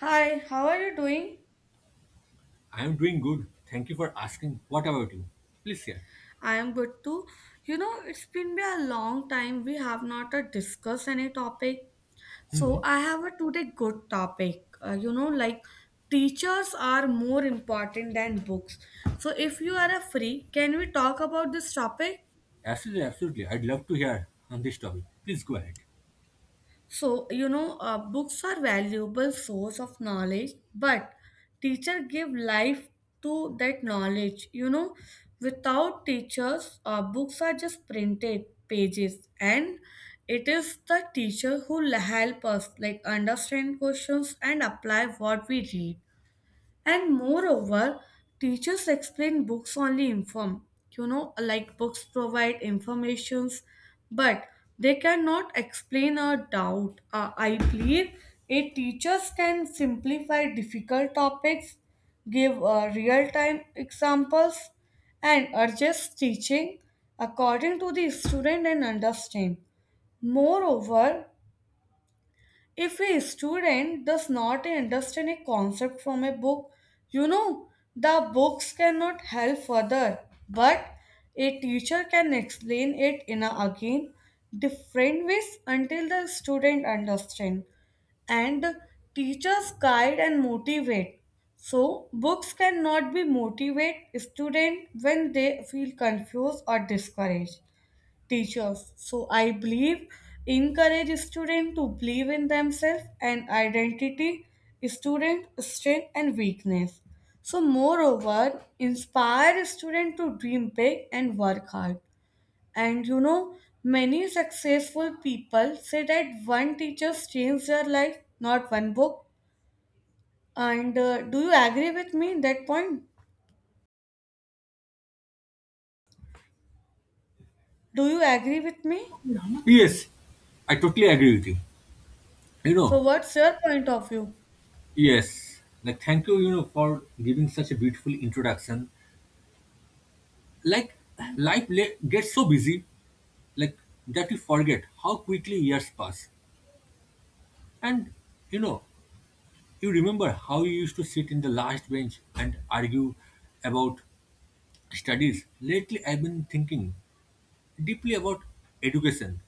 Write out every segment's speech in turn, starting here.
Hi, how are you doing? I am doing good. Thank you for asking. What about you? Please share. I am good too. You know, it's been be a long time we have not discussed any topic. So Hmm. I have a today good topic. Like teachers are more important than books. So if you are free, can we talk about this topic? Absolutely, absolutely. I'd love to hear on this topic. Please go ahead. So, books are valuable source of knowledge, but teacher give life to that knowledge. You know, without teachers, books are just printed pages, and it is the teacher who help us like understand questions and apply what we read. And moreover, teachers explain books only inform. You know, like books provide informations, but they cannot explain a doubt. I believe a teachers can simplify difficult topics, give real-time examples, and adjust teaching according to the student and understand. Moreover, if a student does not understand a concept from a book, you know, the books cannot help further, but a teacher can explain it in a again different ways until the student understand and teachers guide and motivate. So books cannot be motivate student when they feel confused or discouraged teachers. So I believe encourage students to believe in themselves and identity, student strength and weakness. So moreover, inspire students to dream big and work hard. And you know, many successful people say that one teacher changed their life, not one book. And do you agree with me in that point? Do you agree with me? Yes, I totally agree with you. You know, So what's your point of view? yes. Like, thank you, for giving such a beautiful introduction. Like, gets so busy, like, that you forget how quickly years pass. And, you know, you remember how you used to sit in the last bench and argue about studies. Lately, I've been thinking deeply about education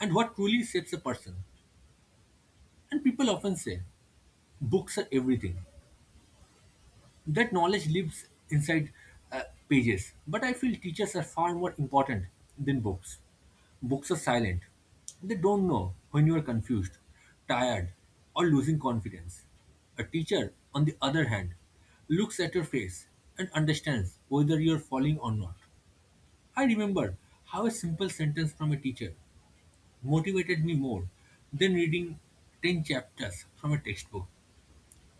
and what truly shapes a person. And people often say, books are everything. That knowledge lives inside uh, pages. But I feel teachers are far more important than books. Books are silent. They don't know when you are confused, tired, or losing confidence. A teacher, on the other hand, looks at your face and understands whether you are falling or not. I remember how a simple sentence from a teacher motivated me more than reading 10 chapters from a textbook.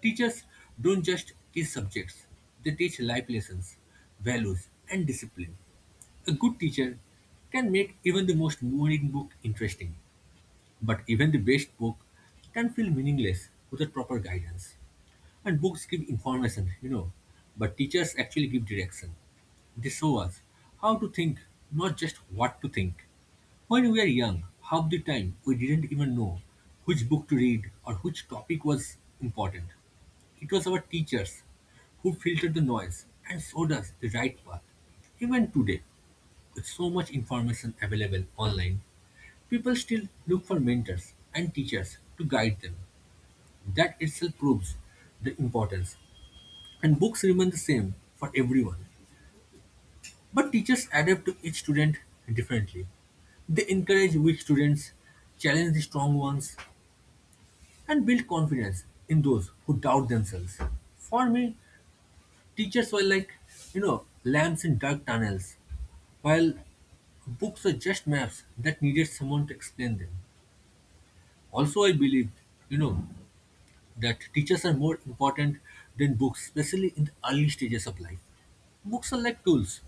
Teachers don't just teach subjects, they teach life lessons, values, and discipline. A good teacher can make even the most boring book interesting. But even the best book can feel meaningless without proper guidance. And books give information, you know, but teachers actually give direction. They show us how to think, not just what to think. When we were young, half the time we didn't even know which book to read or which topic was important. It was our teachers who filtered the noise and showed us the right path. Even today, with so much information available online, people still look for mentors and teachers to guide them. That itself proves the importance. And books remain the same for everyone. But teachers adapt to each student differently. They encourage weak students, challenge the strong ones, and build confidence in those who doubt themselves. For me, teachers were like, you know, lamps in dark tunnels, while books were just maps that needed someone to explain them. Also, I believe, you know, that teachers are more important than books, especially in the early stages of life. Books are like tools,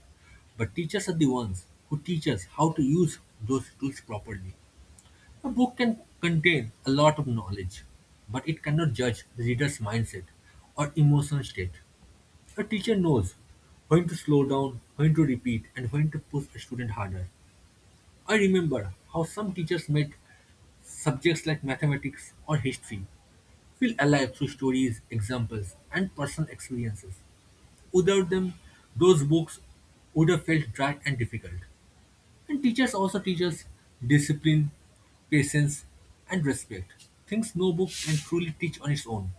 but teachers are the ones who teach us how to use those tools properly. A book can contain a lot of knowledge, but it cannot judge the reader's mindset or emotional state. A teacher knows when to slow down, when to repeat, and when to push a student harder. I remember how some teachers made subjects like mathematics or history feel alive through stories, examples, and personal experiences. Without them, those books would have felt dry and difficult. And teachers also teach us discipline, patience, and respect. Things no book can truly teach on its own.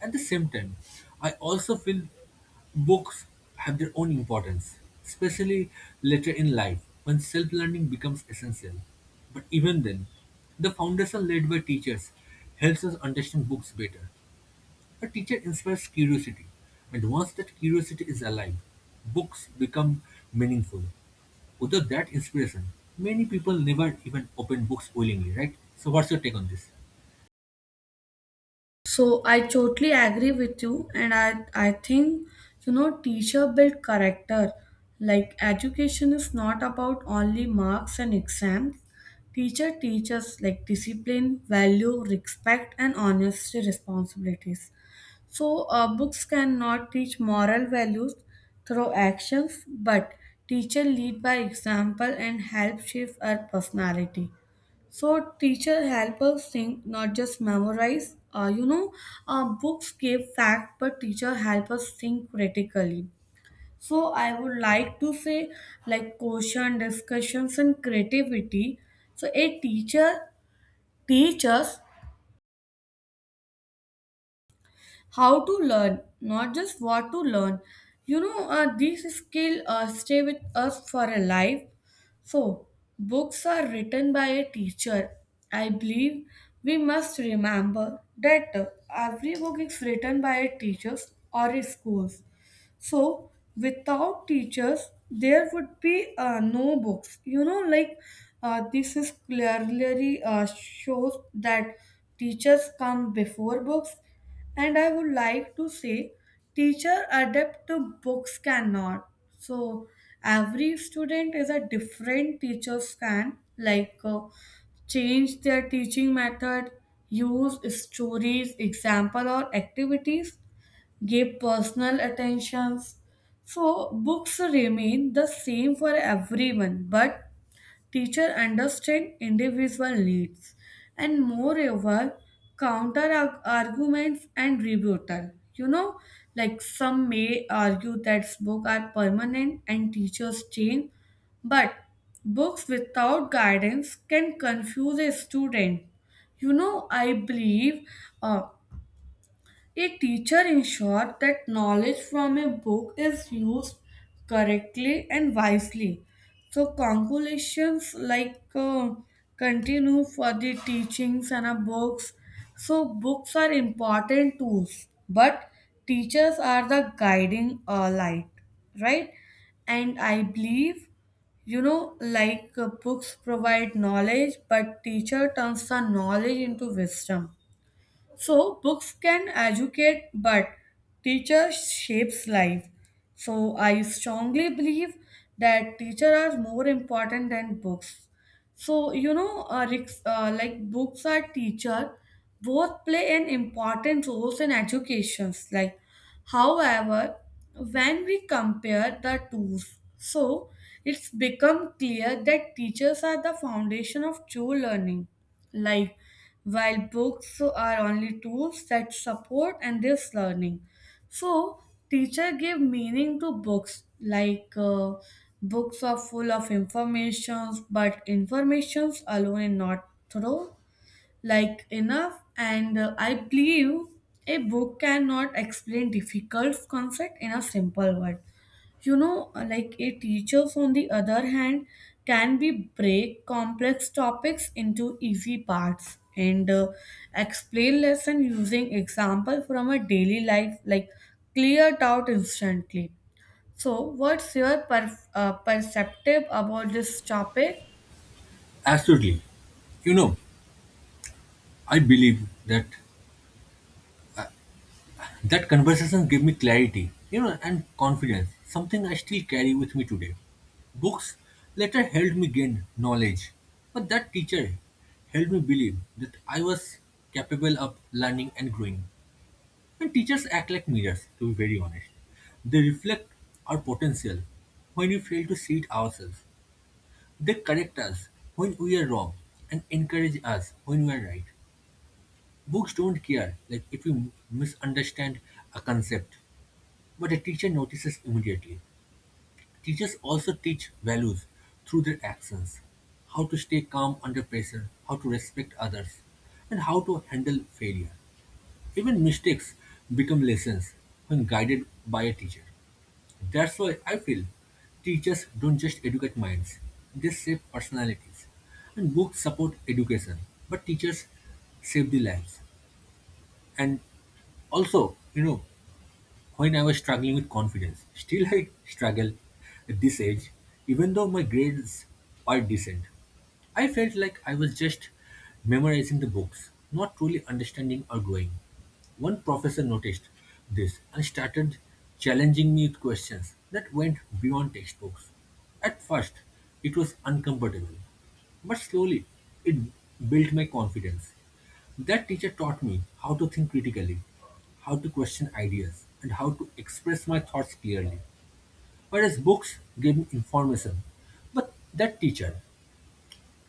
At the same time, I also feel books have their own importance, especially later in life when self learning becomes essential. But even then, the foundation laid by teachers helps us understand books better. A teacher inspires curiosity, and once that curiosity is alive, books become meaningful. Without that inspiration, many people never even open books willingly, right? So, what's your take on this? So I totally agree with you, and I think you know teacher build character. Like education is not about only marks and exams. Teacher teaches like discipline, value, respect, and honesty responsibilities. So, books cannot teach moral values through actions, but teacher lead by example and help shape our personality. So, teacher help us think, not just memorize. Books give fact, but teacher help us think critically. So, I would like to say, like question, discussions, and creativity. So, a teacher teaches how to learn not just what to learn these skills stay with us for a life so books are written by a teacher I believe we must remember that every book is written by a teacher or a school. So without teachers, there would be no books. This is clearly shows that teachers come before books, and I would like to say, teacher adapt to books cannot. So every student is a different teacher's can like. Change their teaching method, use stories, example, or activities give personal attentions. So books remain the same for everyone, but teacher understand individual needs and moreover counter arguments and rebuttal. You know, like some may argue that books are permanent and teachers change, but books without guidance can confuse a student. You know, I believe. Uh, a teacher ensures that knowledge from a book is used correctly and wisely. So, calculations like continue for the teachings and books. So, books are important tools, but teachers are the guiding light, right? And I believe books provide knowledge but teacher turns the knowledge into wisdom so books can educate, but teacher shapes life. So I strongly believe that teacher are more important than books. So you know, like books are teacher, both play an important roles in educations. Like However, when we compare the two, so it's become clear that teachers are the foundation of true learning. Like while books are only tools that support and this learning. So teacher give meaning to books books are full of informations but informations alone is not thorough like enough and I believe a book cannot explain difficult concept in a simple word like a teachers on the other hand can be break complex topics into easy parts and explain lesson using example from a daily life like cleared out instantly so what's your perceptive about this topic? Absolutely. You know, I believe that that conversation gave me clarity, you know, and confidence, something I still carry with me today. Books later helped me gain knowledge, but that teacher helped me believe that I was capable of learning and growing. And teachers act like mirrors, to be very honest. They reflect our potential when we fail to see it ourselves. They correct us when we are wrong and encourage us when we are right. Books don't care like if we misunderstand a concept. But a teacher notices immediately. Teachers also teach values through their actions, how to stay calm under pressure, how to respect others, and how to handle failure. Even mistakes become lessons when guided by a teacher. That's why I feel teachers don't just educate minds, they shape personalities. And books support education, but teachers save the lives. And also, you know, when I was struggling with confidence. Still, I struggle at this age, even though my grades are decent. I felt like I was just memorizing the books, not truly understanding or growing. One professor noticed this and started challenging me with questions that went beyond textbooks. At first, it was uncomfortable, but slowly it built my confidence. That teacher taught me how to think critically, how to question ideas, and how to express my thoughts clearly. Whereas books gave me information. But that teacher,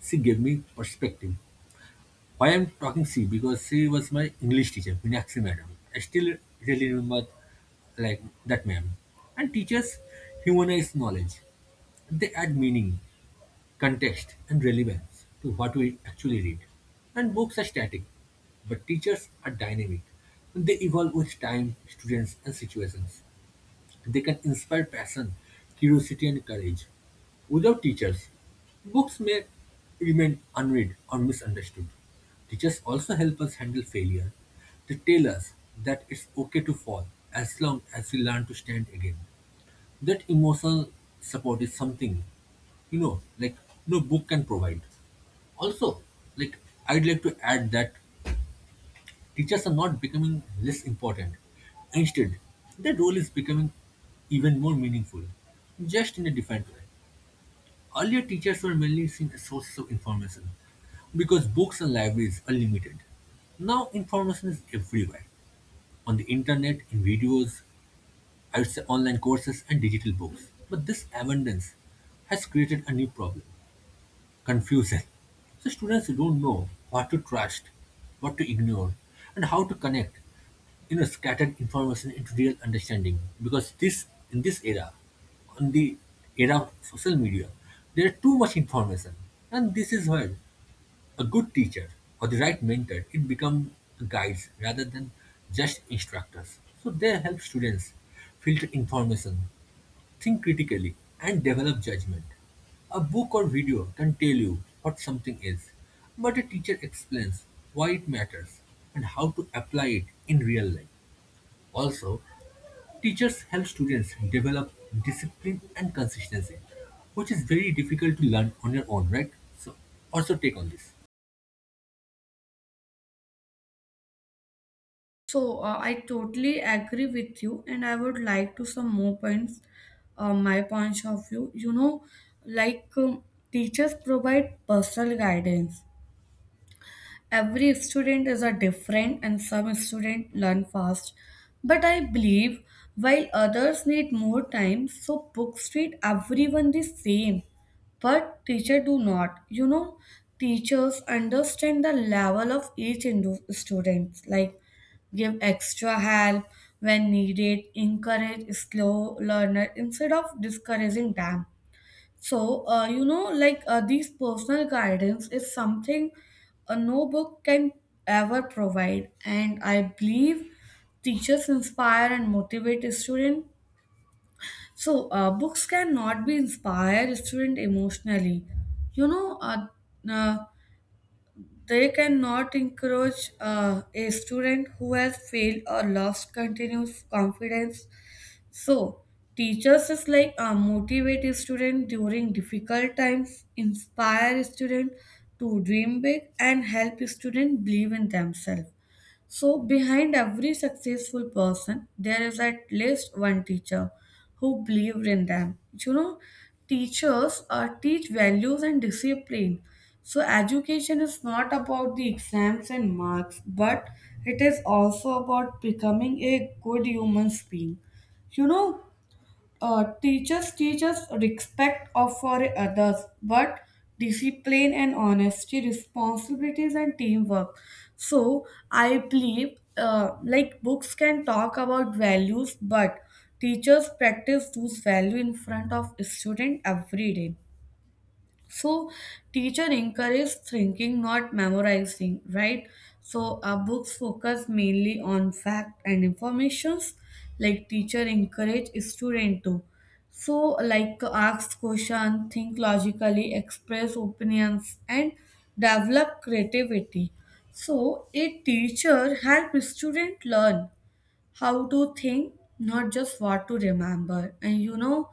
she gave me perspective. Why I'm talking she? Because she was my English teacher, Meenakshi madam. I still really remember like that ma'am. And teachers humanize knowledge. They add meaning, context, and relevance to what we actually read. And books are static, but teachers are dynamic. They evolve with time, students, and situations. They can inspire passion, curiosity, and courage. Without teachers, books may remain unread or misunderstood. Teachers also help us handle failure. They tell us that it's okay to fall as long as we learn to stand again. That emotional support is something, you know, like no book can provide. Also, like, I'd like to add that teachers are not becoming less important. Instead, their role is becoming even more meaningful, just in a different way. Earlier, teachers were mainly seen as sources of information because books and libraries are limited. Now, information is everywhere, on the internet, in videos, I would say online courses and digital books. But this abundance has created a new problem, confusion. So students don't know what to trust, what to ignore, and how to connect, you know, scattered information into real understanding because this, in this era, on the era of social media, there is too much information, and this is where a good teacher, or the right mentor, it become guides rather than just instructors. So they help students filter information, think critically, and develop judgment. A book or video can tell you what something is, but a teacher explains why it matters and how to apply it in real life. Also, teachers help students develop discipline and consistency, which is very difficult to learn on your own, right? So, also take on this. So I totally agree with you, and I would like to some more points, my points of view. Like um, teachers provide personal guidance, every student is a different and some students learn fast but I believe while others need more time so books treat everyone the same but teacher do not you know teachers understand the level of each student like give extra help when needed encourage slow learner instead of discouraging them so, these personal guidance is something no book can ever provide, and I believe teachers inspire and motivate a student. So, books cannot be inspire a student emotionally. You know, uh, uh, they cannot encourage a student who has failed or lost continuous confidence so, teachers is like motivate students during difficult times, inspire students to dream big, and help students believe in themselves. So, behind every successful person, there is at least one teacher who believed in them. You know, teachers teach values and discipline. So, education is not about the exams and marks, but it is also about becoming a good human being. You know, teachers teach us respect of for others, but discipline and honesty, responsibilities and teamwork. So I believe like books can talk about values, but teachers practice those values in front of student every day. So teacher encourage thinking, not memorizing, right? So our books focus mainly on fact and informations. Like teacher encourage student to, so like ask question, think logically, express opinions, and develop creativity. So a teacher help student learn how to think, not just what to remember. And you know,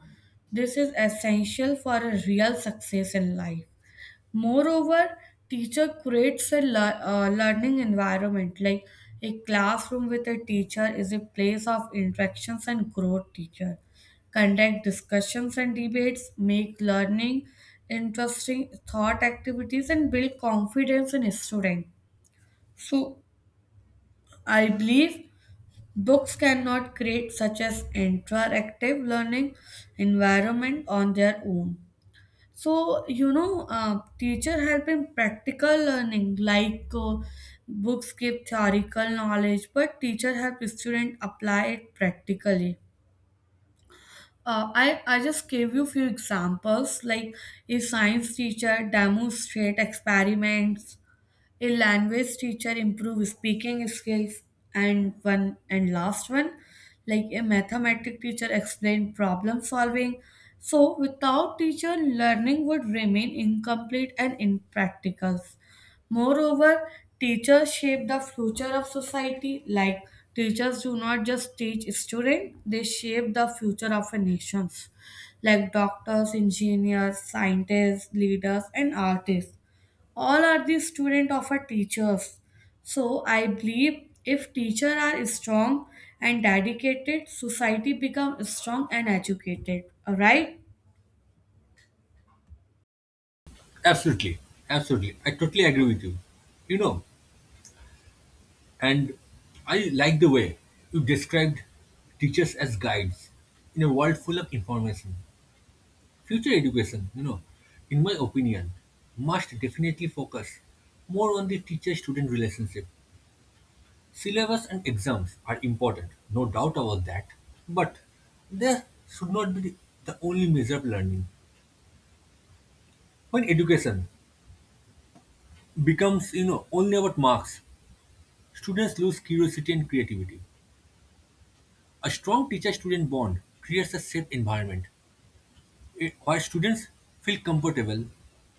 this is essential for a real success in life. Moreover, teacher creates a learning environment like a classroom with a teacher is a place of interactions and growth teacher conduct discussions and debates make learning interesting thought activities and build confidence in student. So I believe books cannot create such as interactive learning environment on their own. So teacher help in practical learning books give theoretical knowledge, but teacher help student apply it practically. I just gave you few examples like if science teacher demonstrate experiments a language teacher improve speaking skills and one and last one like a mathematic teacher explain problem solving so without teacher learning would remain incomplete and impractical. Moreover, teachers shape the future of society. Like teachers do not just teach students, they shape the future of a nations. Like doctors, engineers, scientists, leaders, and artists. All are the student of a teachers. So I believe if teachers are strong and dedicated, society become strong and educated. Alright? Absolutely, absolutely. I totally agree with you. You know, and I like the way you described teachers as guides in a world full of information. Future education, you know, in my opinion, must definitely focus more on the teacher student relationship. Syllabus and exams are important, no doubt about that, but they should not be the only measure of learning. When education becomes, you know, only about marks, students lose curiosity and creativity. A strong teacher-student bond creates a safe environment where students feel comfortable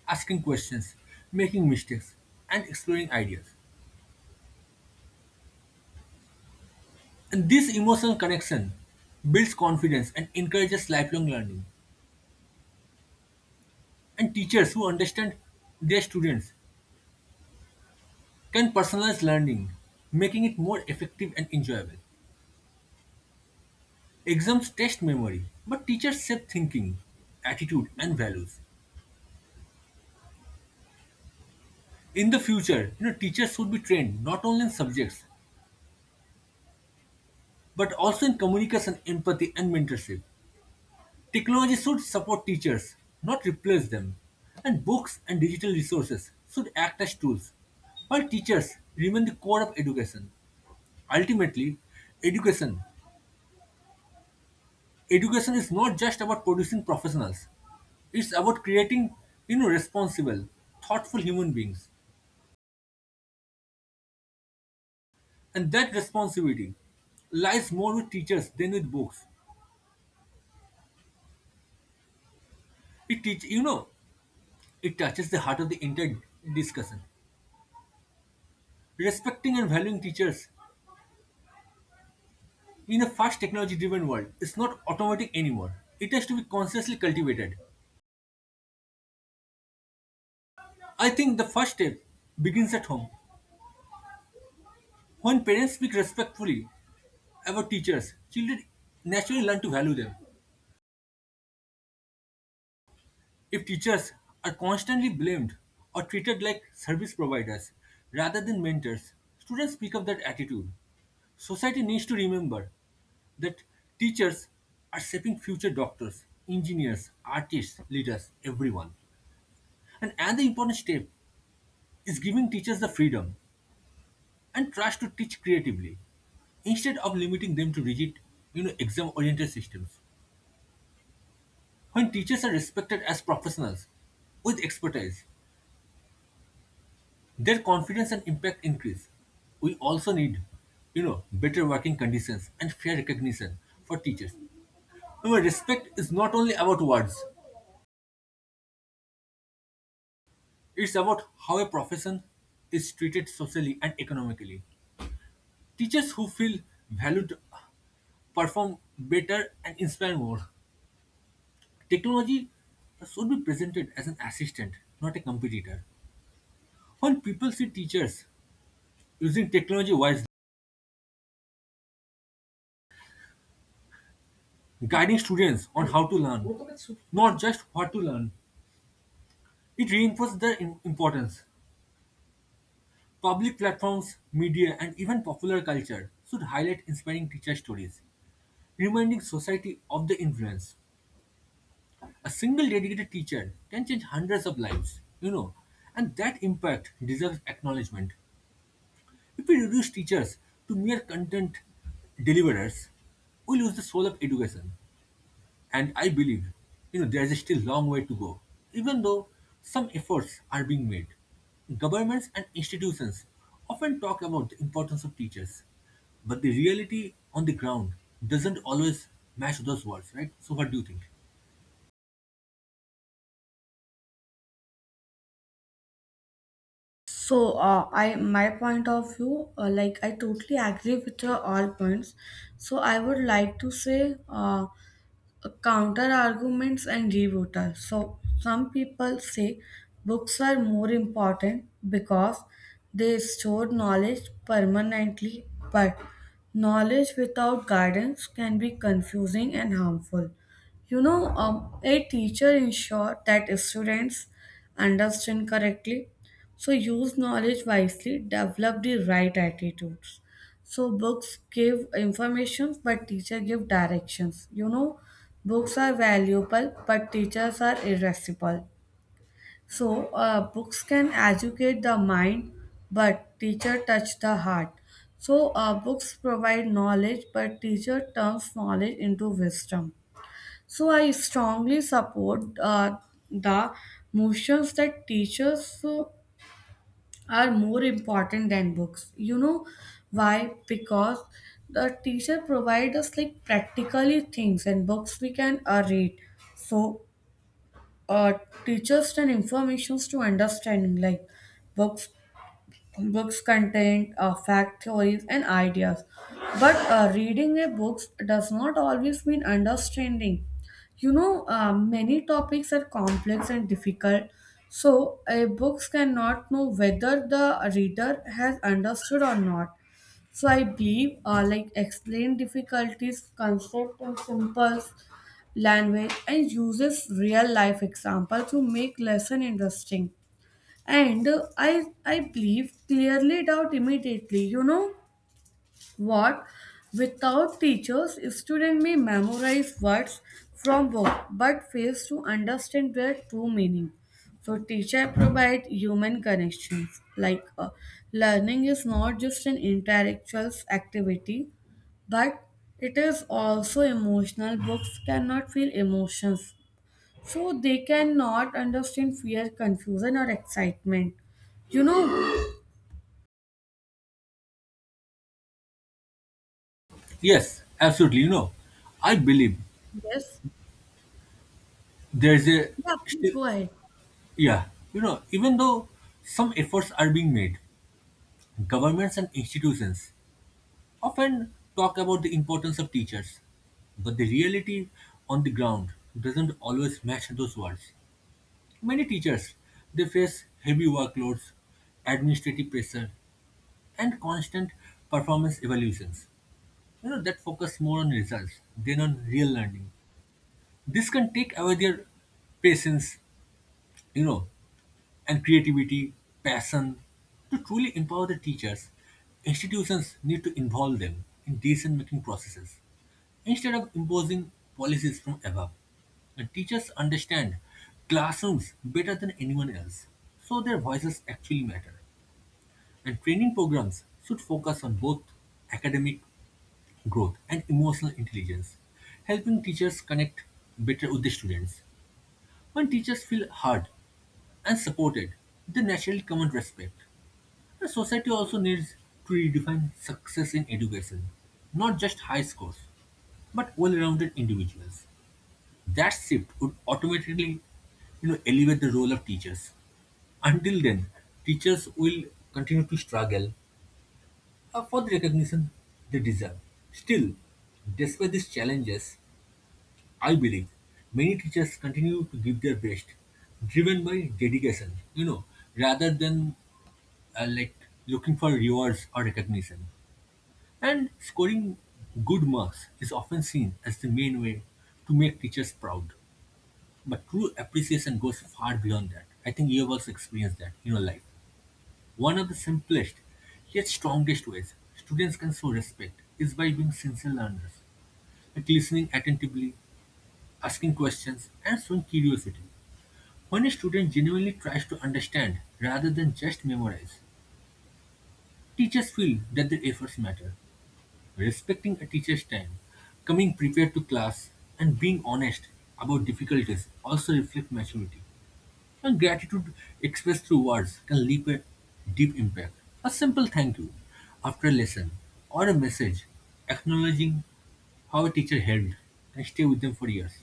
asking questions, making mistakes, and exploring ideas. And this emotional connection builds confidence and encourages lifelong learning. And teachers who understand their students can personalize learning, making it more effective and enjoyable. Exams test memory, but teachers shape thinking, attitude, and values. In the future, you know, teachers should be trained not only in subjects but also in communication, empathy, and mentorship. Technology should support teachers, not replace them. And books and digital resources should act as tools, while teachers remain the core of education. Ultimately, education education is not just about producing professionals. It's about creating, you know, responsible, thoughtful human beings. And that responsibility lies more with teachers than with books. It teach, you know, it touches the heart of the entire discussion. Respecting and valuing teachers in a fast technology driven world is not automatic anymore. It has to be consciously cultivated. I think the first step begins at home. When parents speak respectfully about teachers, children naturally learn to value them. If teachers are constantly blamed or treated like service providers rather than mentors, students pick up that attitude. Society needs to remember that teachers are shaping future doctors, engineers, artists, leaders, everyone. And another important step is giving teachers the freedom and trust to teach creatively instead of limiting them to rigid, you know, exam oriented systems. When teachers are respected as professionals with expertise, their confidence and impact increase. We also need, you know, better working conditions and fair recognition for teachers. Remember, respect is not only about words, it's about how a profession is treated socially and economically. Teachers who feel valued perform better and inspire more. Technology should be presented as an assistant, not a competitor. When people see teachers using technology wisely, guiding students on how to learn, not just what to learn, it reinforced their importance. Public platforms, media, and even popular culture should highlight inspiring teacher stories, reminding society of the influence. A single dedicated teacher can change hundreds of lives, you know, and that impact deserves acknowledgement. If we reduce teachers to mere content deliverers, we lose the soul of education. And I believe, you know, there is still a long way to go, even though some efforts are being made. Governments and institutions often talk about the importance of teachers, but the reality on the ground doesn't always match those words, right? So, what do you think? So, I my point of view, like I totally agree with your all points. So, I would like to say, counter arguments and rebuttals. So some people say books are more important because they store knowledge permanently, but knowledge without guidance can be confusing and harmful. A teacher ensures that students understand correctly, so use knowledge wisely, develop the right attitudes. So books give information, but teacher give directions. You know, books are valuable, but teachers are irascible. So, books can educate the mind, but teacher touch the heart. So, books provide knowledge, but teacher turns knowledge into wisdom. So, I strongly support the motions that teachers are more important than books. You know why? Because the teacher provide us like practically things, and books we can read. So uh, teachers and informations to understanding like books books content fact theories and ideas but reading a book does not always mean understanding many topics are complex and difficult so a books cannot know whether the reader has understood or not so I believe, like explain difficulties, concept, in simple language, and uses real life example to make lesson interesting. And I believe clearly it out immediately. You know, what? Without teachers, students may memorize words from book but fails to understand their true meaning. So teacher provide human connections. Learning is not just an intellectual activity, but it is also emotional. Books cannot feel emotions, so they cannot understand fear, confusion, or excitement. You know Yes, absolutely. You know, I believe this? there's a Yeah, please still, go ahead. yeah, you know, even though some efforts are being made, governments and institutions often talk about the importance of teachers, but the reality on the ground doesn't always match those words. Many teachers they face heavy workloads, administrative pressure, and constant performance evaluations. You know that focus more on results than on real learning. This can take away their patience, you know, and creativity, passion. To truly empower the teachers, institutions need to involve them in decision making processes instead of imposing policies from above. And teachers understand classrooms better than anyone else, so their voices actually matter. And training programs should focus on both academic growth and emotional intelligence, helping teachers connect better with the students. When teachers feel heard and supported, they naturally command respect. The society also needs to redefine success in education, not just high scores, but well-rounded individuals. That shift would automatically, you know, elevate the role of teachers. Until then, teachers will continue to struggle for the recognition they deserve. Still, despite these challenges, I believe many teachers continue to give their best, driven by dedication, you know, rather than like looking for rewards or recognition. And scoring good marks is often seen as the main way to make teachers proud. But true appreciation goes far beyond that. I think you have also experienced that in your life. One of the simplest yet strongest ways students can show respect is by being sincere learners, like listening attentively, asking questions, and showing curiosity. When a student genuinely tries to understand rather than just memorize, teachers feel that their efforts matter. Respecting a teacher's time, coming prepared to class, and being honest about difficulties also reflect maturity. And gratitude expressed through words can leave a deep impact. A simple thank you after a lesson or a message acknowledging how a teacher helped and stay with them for years.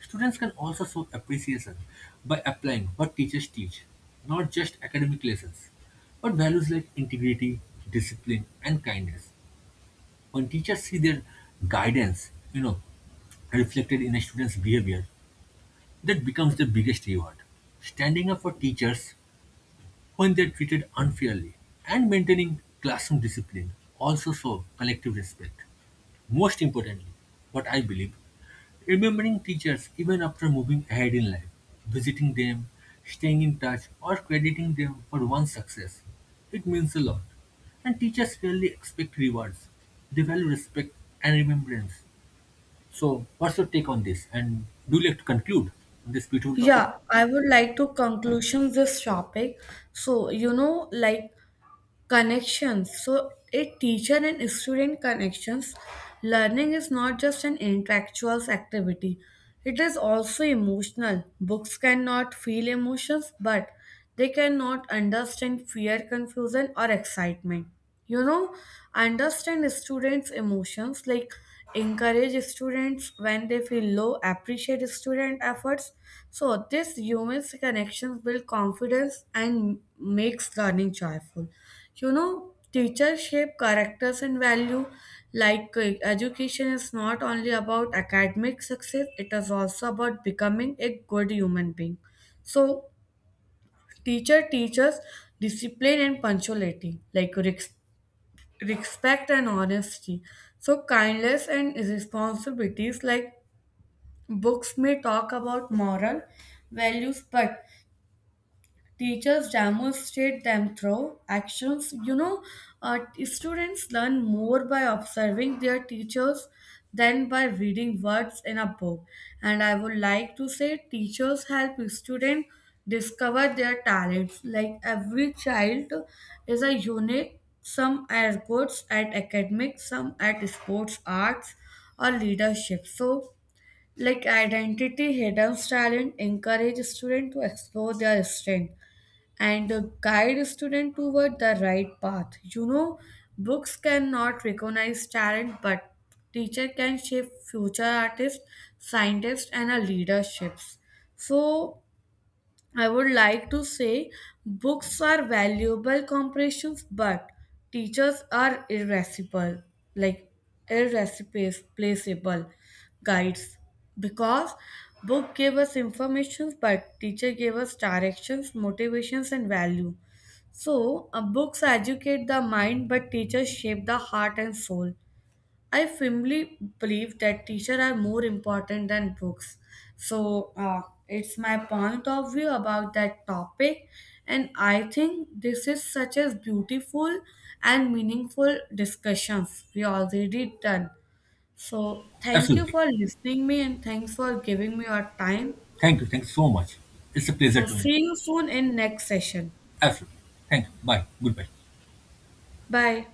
Students can also show appreciation by applying what teachers teach, not just academic lessons, but values like integrity, discipline, and kindness. When teachers see their guidance, you know, reflected in a student's behavior, that becomes the biggest reward. Standing up for teachers when they are treated unfairly, and maintaining classroom discipline also show collective respect. Most importantly, what I believe, remembering teachers even after moving ahead in life, visiting them, staying in touch, or crediting them for one's success, it means a lot. And teachers rarely expect rewards; they value respect and remembrance. So, what's your take on this? And do you like to conclude on this beautiful topic? Yeah, I would like to conclusion this topic. So, you know, like connections so a teacher and student connections learning is not just an intellectual activity it is also emotional books cannot feel emotions but they cannot understand fear confusion or excitement you know understand students emotions like encourage students when they feel low appreciate student efforts so this human connections build confidence and makes learning joyful you know teachers shape characters and value education is not only about academic success it is also about becoming a good human being so teacher teaches discipline and punctuality like respect and honesty so kindness and responsibilities like books may talk about moral values but teachers demonstrate them through actions. You know, students learn more by observing their teachers than by reading words in a book. And I would like to say, teachers help students discover their talents. Like every child is a unique, some are good at academics, some at sports, arts, or leadership. So, like identity, hidden talent encourage students to explore their strength and guide a student toward the right path. You know, books cannot recognize talent, but teacher can shape future artists, scientists, and our leaderships. So I would like to say books are valuable companions, but teachers are irreplaceable, like irreplaceable guides, because book gave us information, but teacher gave us directions, motivations, and value. So books educate the mind, but teachers shape the heart and soul. I firmly believe that teachers are more important than books. So it's my point of view about that topic, and I think this is such a beautiful and meaningful discussions we already done. So thank you Absolutely. for listening me and thanks for giving me your time. Thank you. Thanks so much. It's a pleasure So to me. see you soon in next session. Absolutely. You. Bye. Goodbye. Bye.